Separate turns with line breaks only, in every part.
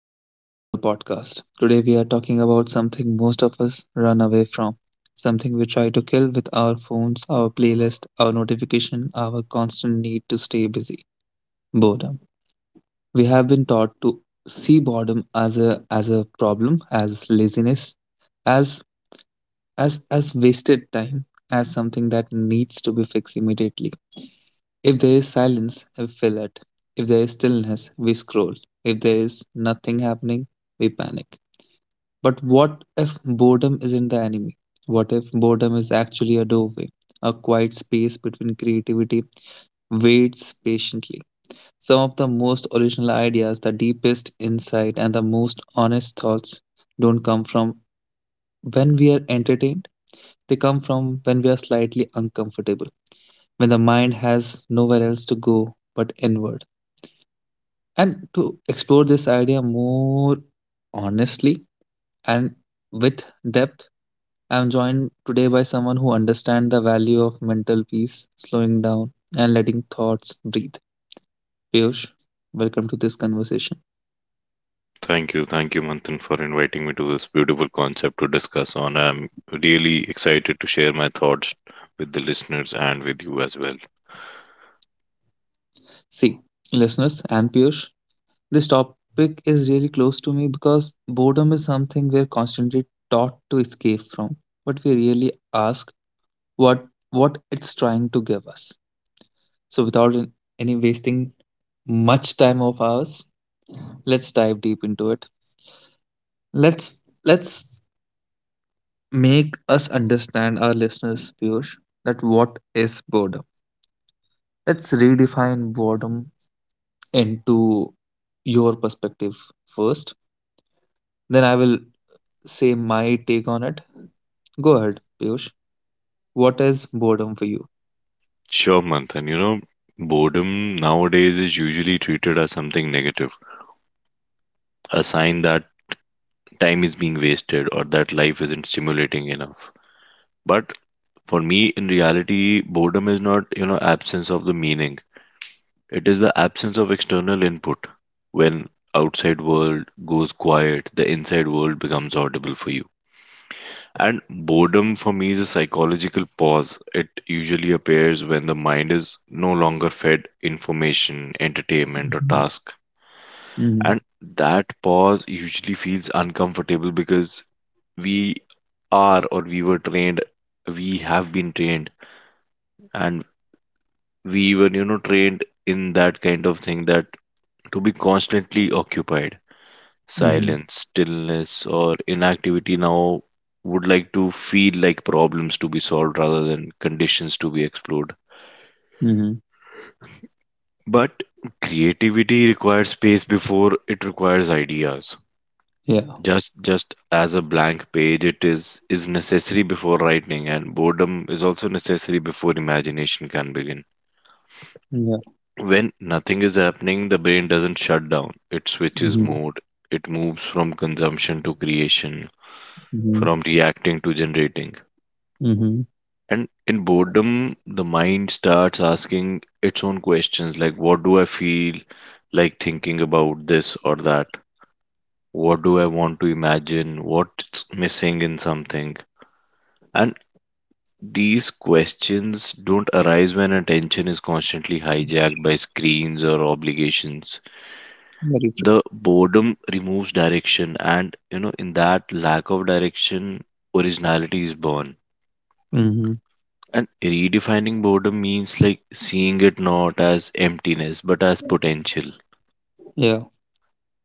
Welcome back to the podcast. Today we are talking about something most of us run away from, something we try to kill with our phones, our playlist, our notification, our constant need to stay busy. Boredom. We have been taught to see boredom as a problem, as laziness, as as wasted time, as something that needs to be fixed immediately. If there is silence, we fill it. If there is stillness, we scroll. If there is nothing happening, we panic. But what if boredom isn't the enemy? What if boredom is actually a doorway, a quiet space between creativity waits patiently? Some of the most original ideas, the deepest insight, and the most honest thoughts don't come from when we are entertained, they come from when we are slightly uncomfortable, when the mind has nowhere else to go but inward. And to explore this idea more honestly and with depth, I'm joined today by someone who understands the value of mental peace, slowing down, and letting thoughts breathe. Piyush, welcome to this conversation.
Thank you, Manthan, for inviting me to this beautiful concept to discuss on. I'm really excited to share my thoughts with the listeners and with you as well.
See, listeners and Piyush, this topic is really close to me because boredom is something we're constantly taught to escape from, but we really ask what what it's trying to give us. So, without any wasting much time of ours, let's dive deep into it. Let's make us understand our listeners, Piyush, that what is boredom. Let's redefine boredom into your perspective first. Then I will say my take on it. Go ahead, Piyush. What is boredom for you?
Sure, Manthan, boredom nowadays is usually treated as something negative, a sign that time is being wasted or that life isn't stimulating enough. But for me, in reality, boredom is not, absence of the meaning. It is the absence of external input. When outside world goes quiet, the inside world becomes audible for you. And boredom for me is a psychological pause. It usually appears when the mind is no longer fed information, entertainment, or
Mm-hmm.
task.
Mm-hmm.
And that pause usually feels uncomfortable because we are or we were trained, we have been trained, and we were, trained in that kind of thing that to be constantly occupied. Silence, stillness, or inactivity now would like to feel like problems to be solved rather than conditions to be explored.
Mm-hmm.
But creativity requires space before it requires ideas.
Yeah.
Just as a blank page it is necessary before writing, and boredom is also necessary before imagination can begin.
Yeah.
When nothing is happening, the brain doesn't shut down. It switches
Mm-hmm.
mode. It moves from consumption to creation,
Mm-hmm.
from reacting to generating.
Mm-hmm.
And in boredom, the mind starts asking its own questions like, what do I feel like thinking about this or that? What do I want to imagine? What's missing in something? And these questions don't arise when attention is constantly hijacked by screens or obligations.
Very true.
The boredom removes direction, and in that lack of direction, originality is born.
Mm-hmm.
And redefining boredom means like seeing it not as emptiness but as potential.
Yeah.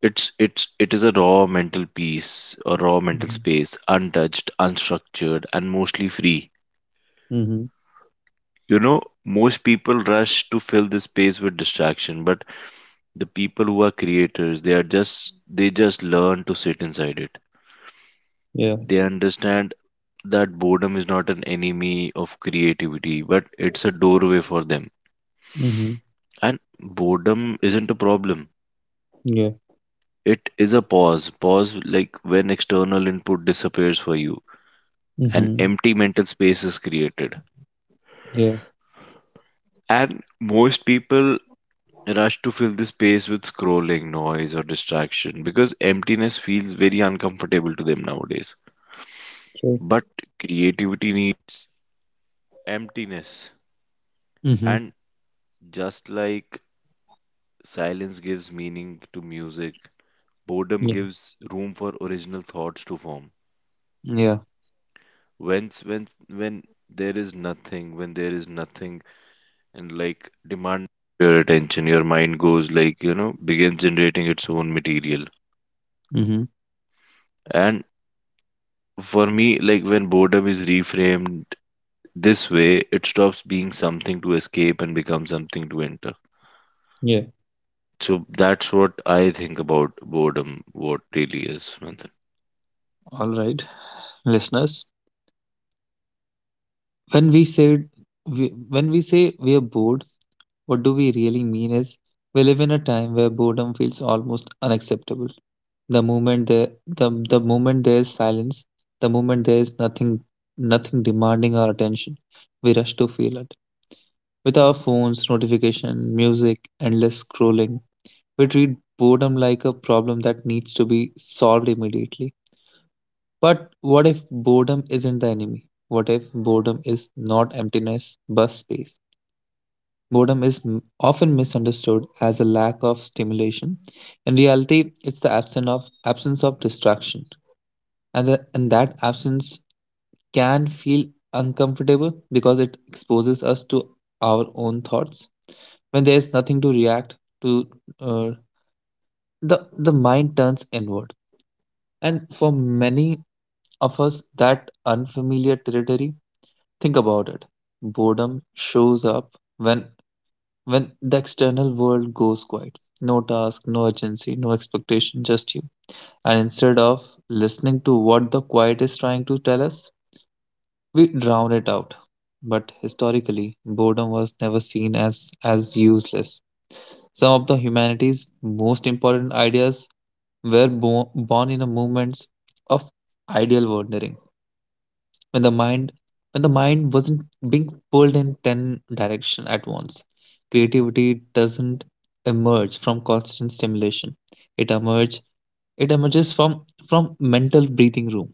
It is a raw mental piece, a raw mental
Mm-hmm.
space, untouched, unstructured, and mostly free.
Hmm.
You know, most people rush to fill this space with distraction, but the people who are creators, they just learn to sit inside it.
Yeah.
They understand that boredom is not an enemy of creativity, but it's a doorway for them.
Mm-hmm.
And boredom isn't a problem.
Yeah.
It is a pause. Pause like when external input disappears for you. An
Mm-hmm.
empty mental space is created.
Yeah.
And most people rush to fill the space with scrolling, noise, or distraction because emptiness feels very uncomfortable to them nowadays.
True.
But creativity
Mm-hmm. Yeah. Yeah.
begins generating its own material.
Mm.
And for me, like when boredom is reframed this way, it stops being something to escape and becomes something to enter.
Yeah.
So that's what I think about boredom, what really is, Manthan.
All right, listeners. When we said we, when we say we are bored, what do we really mean is we live in a time where boredom feels almost unacceptable. The moment there is silence, the moment there is nothing demanding our attention, we rush to feel it. With our phones, notification, music, endless scrolling, we treat boredom like a problem that needs to be solved immediately. But what if boredom isn't the enemy? What if boredom is not emptiness but space? Boredom is often misunderstood as a lack of stimulation. In reality, it's the absence of distraction, and that absence can feel uncomfortable because it exposes us to our own thoughts. When there's nothing to react to, uh, the mind turns inward, and for many of us, that unfamiliar territory. Think about it. Boredom shows up when the external world goes quiet. No task, no urgency, no expectation, just you. And instead of listening to what the quiet is trying to tell us, we drown it out. But historically, boredom was never seen as useless. Some of the humanity's most important ideas were born in a moments of ideal wandering, when the mind when the mind wasn't being pulled in 10 direction at once. Creativity doesn't emerge from constant stimulation, it emerge it emerges from mental breathing room.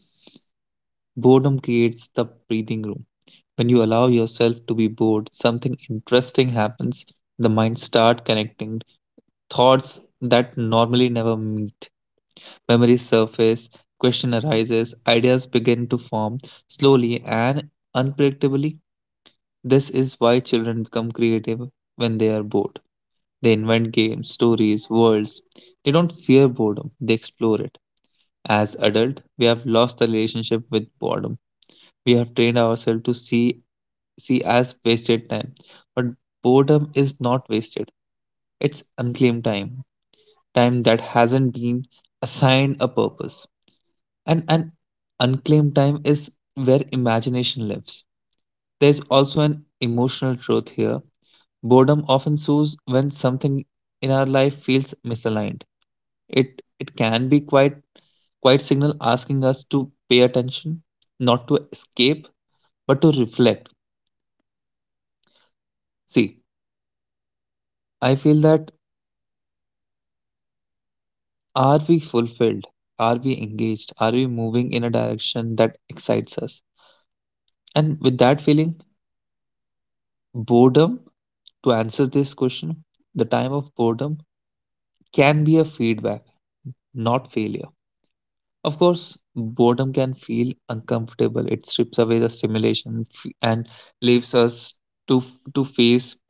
Boredom creates the breathing room. When you allow yourself to be bored, something interesting happens. The mind start connecting thoughts that normally never meet, memories surface, question arises, ideas begin to form, slowly and unpredictably. This is why children become creative when they are bored. They invent games, stories, worlds. They don't fear boredom, they explore it. As adults, we have lost the relationship with boredom. We have trained ourselves to see as wasted time. But boredom is not wasted. It's unclaimed time, time that hasn't been assigned a purpose. And an unclaimed time is where imagination lives. There's also an emotional truth here. Boredom often soothes when something in our life feels misaligned. It can be quite signal asking us to pay attention, not to escape, but to reflect. See, I feel that are we fulfilled? Are we engaged? Are we moving in a direction that excites us? And with that feeling, boredom, to answer this question, the time of boredom can be a feedback, not failure. Of course, boredom can feel uncomfortable. It strips away the stimulation and leaves us to face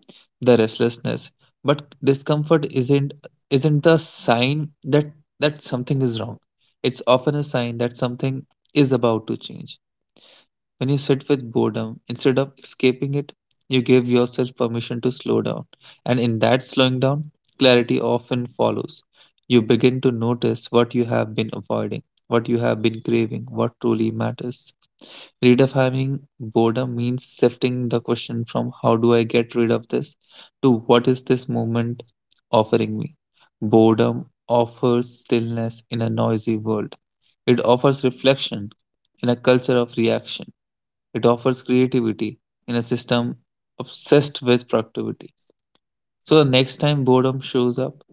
the restlessness. But discomfort isn't the sign that something is wrong. It's often a sign that something is about to change. When you sit with boredom, instead of escaping it, you give yourself permission to slow down. And in that slowing down, clarity often follows. You begin to notice what you have been avoiding, what you have been craving, what truly matters. Redefining boredom means shifting the question from how do I get rid of this to what is this moment offering me. Boredom offers stillness in a noisy world, it offers reflection in a culture of reaction. It offers creativity in a system obsessed with productivity. So the next time boredom shows up,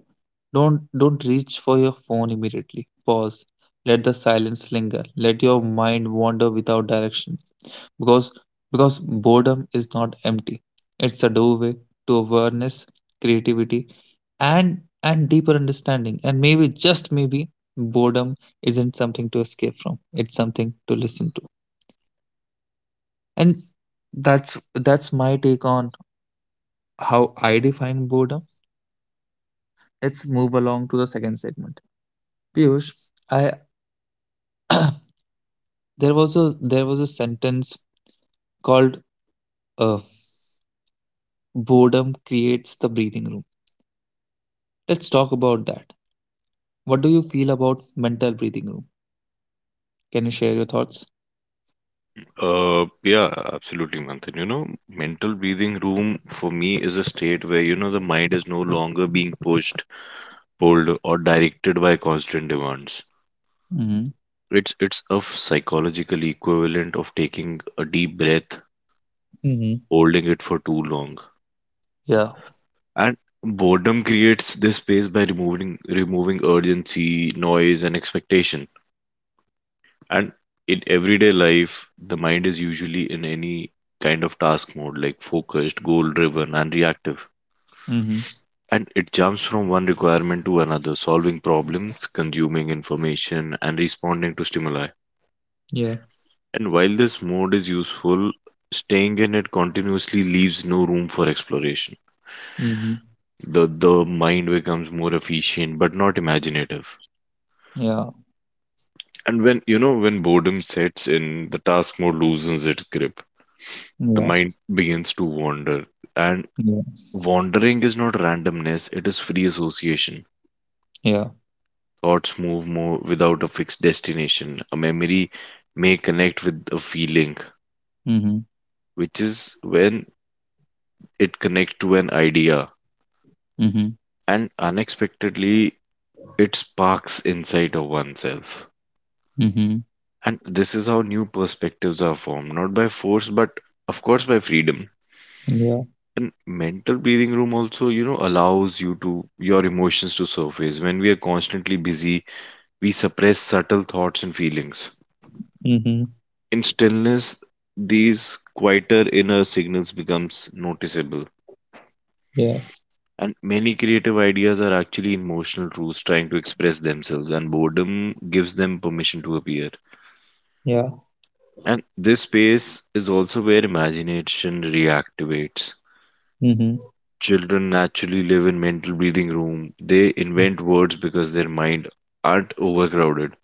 don't reach for your phone immediately. Pause. Let the silence linger. Let your mind wander without direction. Because because boredom is not empty. It's a doorway to awareness, creativity, and deeper understanding. And maybe just maybe boredom isn't something to escape from. It's something to listen to. And that's my take on how I define boredom. Let's move along to the second segment. Piyush, I there was a sentence called uh, boredom creates the breathing room. Let's talk about that. What do you feel about mental breathing room? Can you share your thoughts?
Yeah, absolutely, Manthan. You know, mental breathing room for me is a state where, the mind is no longer being pushed, pulled, or directed by constant demands.
Mm-hmm.
It's a psychological equivalent of taking a deep breath
Mm-hmm.
holding it for too long.
Yeah.
And boredom creates this space by removing urgency, noise, and expectation. And in everyday life, the mind is usually in any kind of task mode, like focused, goal driven, and reactive.
Mm-hmm.
And it jumps from one requirement to another, solving problems, consuming information, and responding to stimuli.
Yeah.
And while this mode is useful, staying in it continuously leaves no room for exploration.
Mm-hmm.
The mind becomes more efficient but not imaginative.
Yeah.
And when, when boredom sets in, the task mode loosens its grip. The
Yeah.
mind begins to wander, and
Yeah.
wandering is not randomness, it is free association.
Yeah.
Thoughts move more without a fixed destination. A memory may connect with a feeling,
Mm-hmm.
which is when it connects to an idea,
Mm-hmm.
and unexpectedly it sparks inside of oneself.
Mm-hmm.
And this is how new perspectives are formed, not by force, but of course by freedom.
Yeah.
And mental breathing room also, allows you to your emotions to surface. When we are constantly busy, we suppress subtle thoughts and feelings.
Mm-hmm.
In stillness, these quieter inner signals becomes noticeable.
Yeah.
And many creative ideas are actually emotional truths trying to express themselves, and boredom gives them permission to appear.
Yeah.
And this space is also where imagination reactivates.
Mm-hmm.
Children naturally live in mental breathing room. They invent words because their mind aren't overcrowded.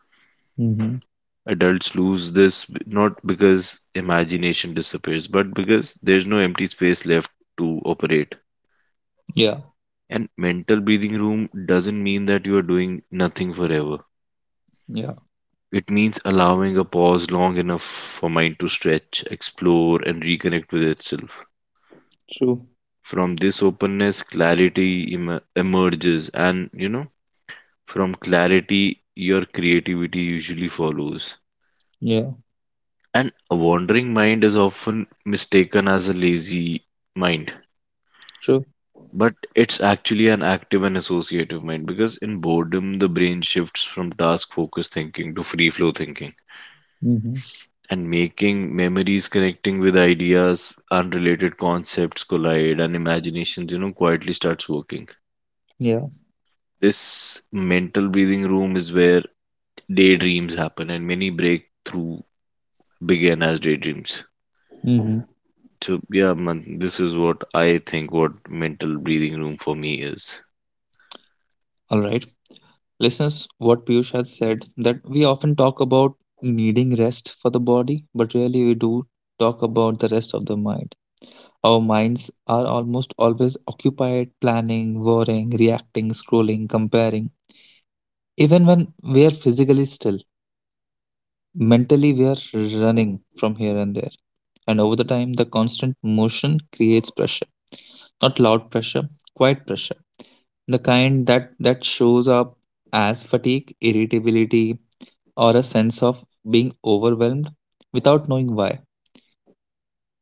Mm-hmm.
Adults lose this not because imagination disappears, but because there's no empty space left to operate.
Yeah.
And mental breathing room doesn't mean that you are doing nothing forever.
Yeah,
It means allowing a pause long enough for mind to stretch, explore, and reconnect with itself.
true.
From this openness, clarity emerges, and you know, from clarity, your creativity usually follows.
Yeah,
And a wandering mind is often mistaken as a lazy mind,
true.
but it's actually an active and associative mind because in boredom, the brain shifts from task focused thinking to free flow thinking.
Mm-hmm.
And making memories connecting with ideas, unrelated concepts collide, and imaginations, quietly starts working.
Yeah.
This mental breathing room is where daydreams happen, and many breakthrough begin as daydreams.
Mm-hmm.
So yeah, man, this is what I think what mental breathing room for me is.
All right. Listeners, what Piyush has said that we often talk about needing rest for the body, but really we do talk about the rest of the mind. Our minds are almost always occupied planning, worrying, reacting, scrolling, comparing. Even when we are physically still, mentally we are running from here and there. And over the time, the constant motion creates pressure. Not loud pressure, quiet pressure, the kind that shows up as fatigue, irritability, or a sense of being overwhelmed without knowing why.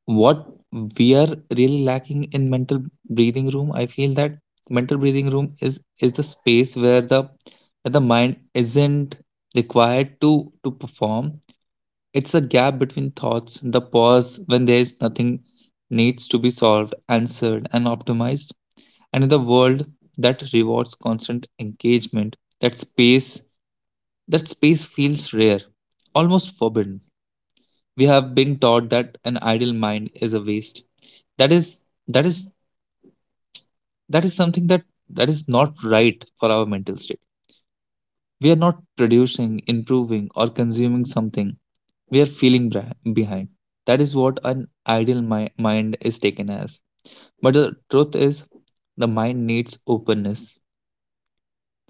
What we are really lacking in mental breathing room, I feel that mental breathing room is the space where the mind isn't required to perform. It's a gap between thoughts, the pause when there is nothing needs to be solved, answered, and optimized. And in the world that rewards constant engagement, that space feels rare, almost forbidden. We have been taught that an idle mind is a waste, that is that is that is something that is not right for our mental state. We are not producing, improving or consuming something, we are feeling behind. That is what an idle mind is taken as. But the truth is, the mind needs openness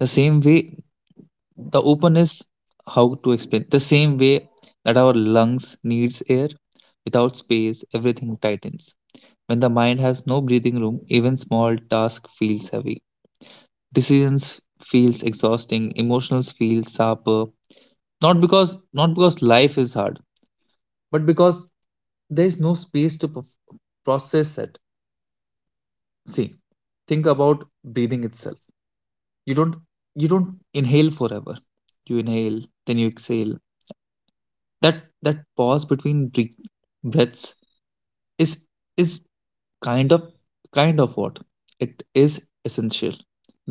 the same way the open is how to explain the same way that our lungs needs air. Without space, everything tightens. When the mind has no breathing room, even small task feels heavy, decisions feels exhausting, emotions feel sharper, not because not because life is hard, but because there is no space to process it. See, think about breathing itself. You don't you don't inhale forever. You inhale, then you exhale. That pause between breaths is is kind of kind of what it is essential.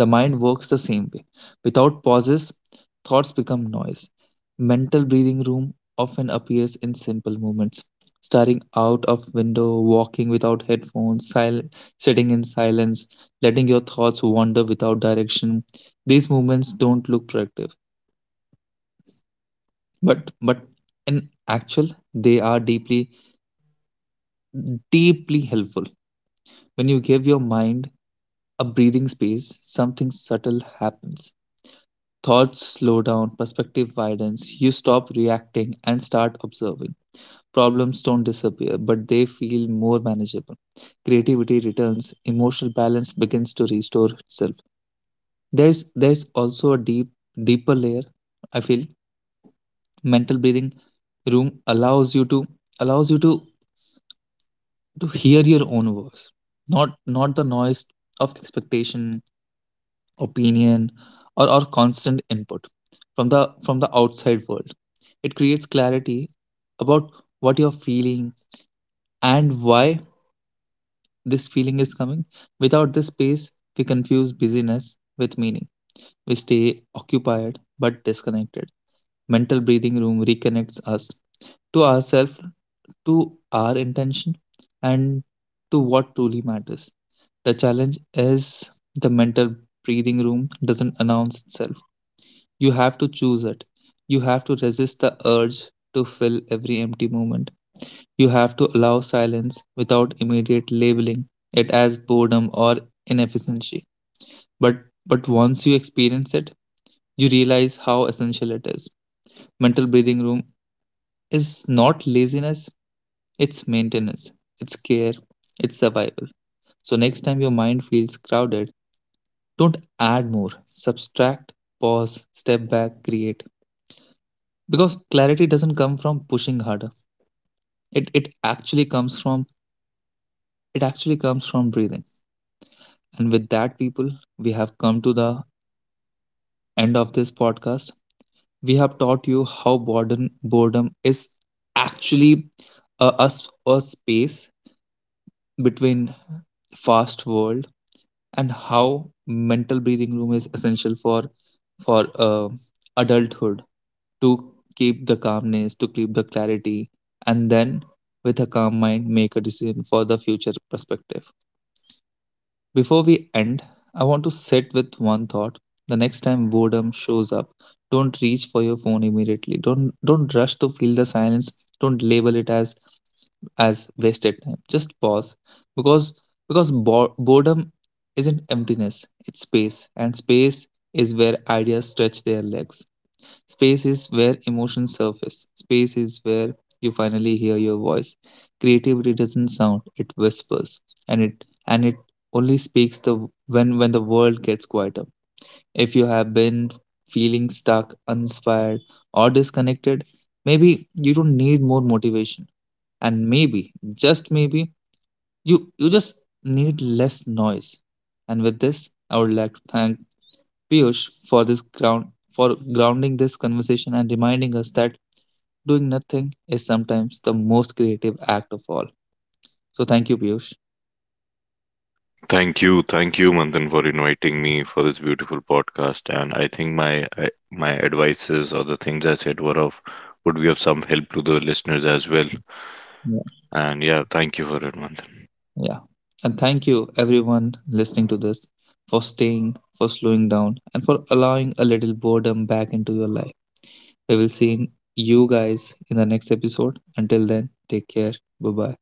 The mind works the same way. Without pauses, thoughts become noise. Mental breathing room often appears in simple movements: staring out of window, walking without headphones, sitting in silence, letting your thoughts wander without direction. These movements don't look productive, but in actual, they are deeply helpful. When you give your mind a breathing space, something subtle happens. Thoughts slow down, perspective widens, you stop reacting and start observing. Problems don't disappear, but they feel more manageable. Creativity returns, emotional balance begins to restore itself. There's also a deeper layer, I feel. Mental breathing room allows you to to hear your own voice. Not the noise of expectation, opinion or constant input from the outside world. It creates clarity about what you're feeling and why this feeling is coming. Without this space, we confuse busyness with meaning, we stay occupied but disconnected. Mental breathing room reconnects us to ourselves, to our intention, and to what truly matters. The challenge is the mental breathing room doesn't announce itself. You have to choose it. You have to resist the urge to fill every empty moment. You have to allow silence without immediate labeling it as boredom or inefficiency. But but once you experience it, you realize how essential it is. Mental breathing room is not laziness, it's maintenance, it's care, it's survival. So next time your mind feels crowded, don't add more. Subtract, pause, step back, create. Because clarity doesn't come from pushing harder, it it actually comes from it actually comes from breathing. And with that, people, we have come to the end of this podcast. We have taught you how boredom is actually a, a s- a space between fast world, and how mental breathing room is essential for for uh, adulthood, to keep the calmness, to keep the clarity, and then with a calm mind make a decision for the future perspective. Before we end, I want to sit with one thought. The next time boredom shows up, don't reach for your phone immediately. Don't rush to feel the silence. Don't label it as wasted time. Just pause, because because boredom isn't emptiness, it's space, and space is where ideas stretch their legs. Space is where emotions surface. Space is where you finally hear your voice. Creativity doesn't sound, it whispers. And it only speaks the when the world gets quieter. If you have been feeling stuck, uninspired, or disconnected, maybe you don't need more motivation. And maybe, just maybe, you just need less noise. And with this, I would like to thank Piyush, for this ground for grounding this conversation and reminding us that doing nothing is sometimes the most creative act of all. So thank you, Piyush.
Thank you, Manthan, for inviting me for this beautiful podcast. And I think my advices or the things I said were of would be of some help to the listeners as well.
Yeah.
And yeah, thank you for it, Manthan.
Yeah. And thank you everyone listening to this for staying, for slowing down, and for allowing a little boredom back into your life. We will see you guys in the next episode. Until then, take care. Bye bye.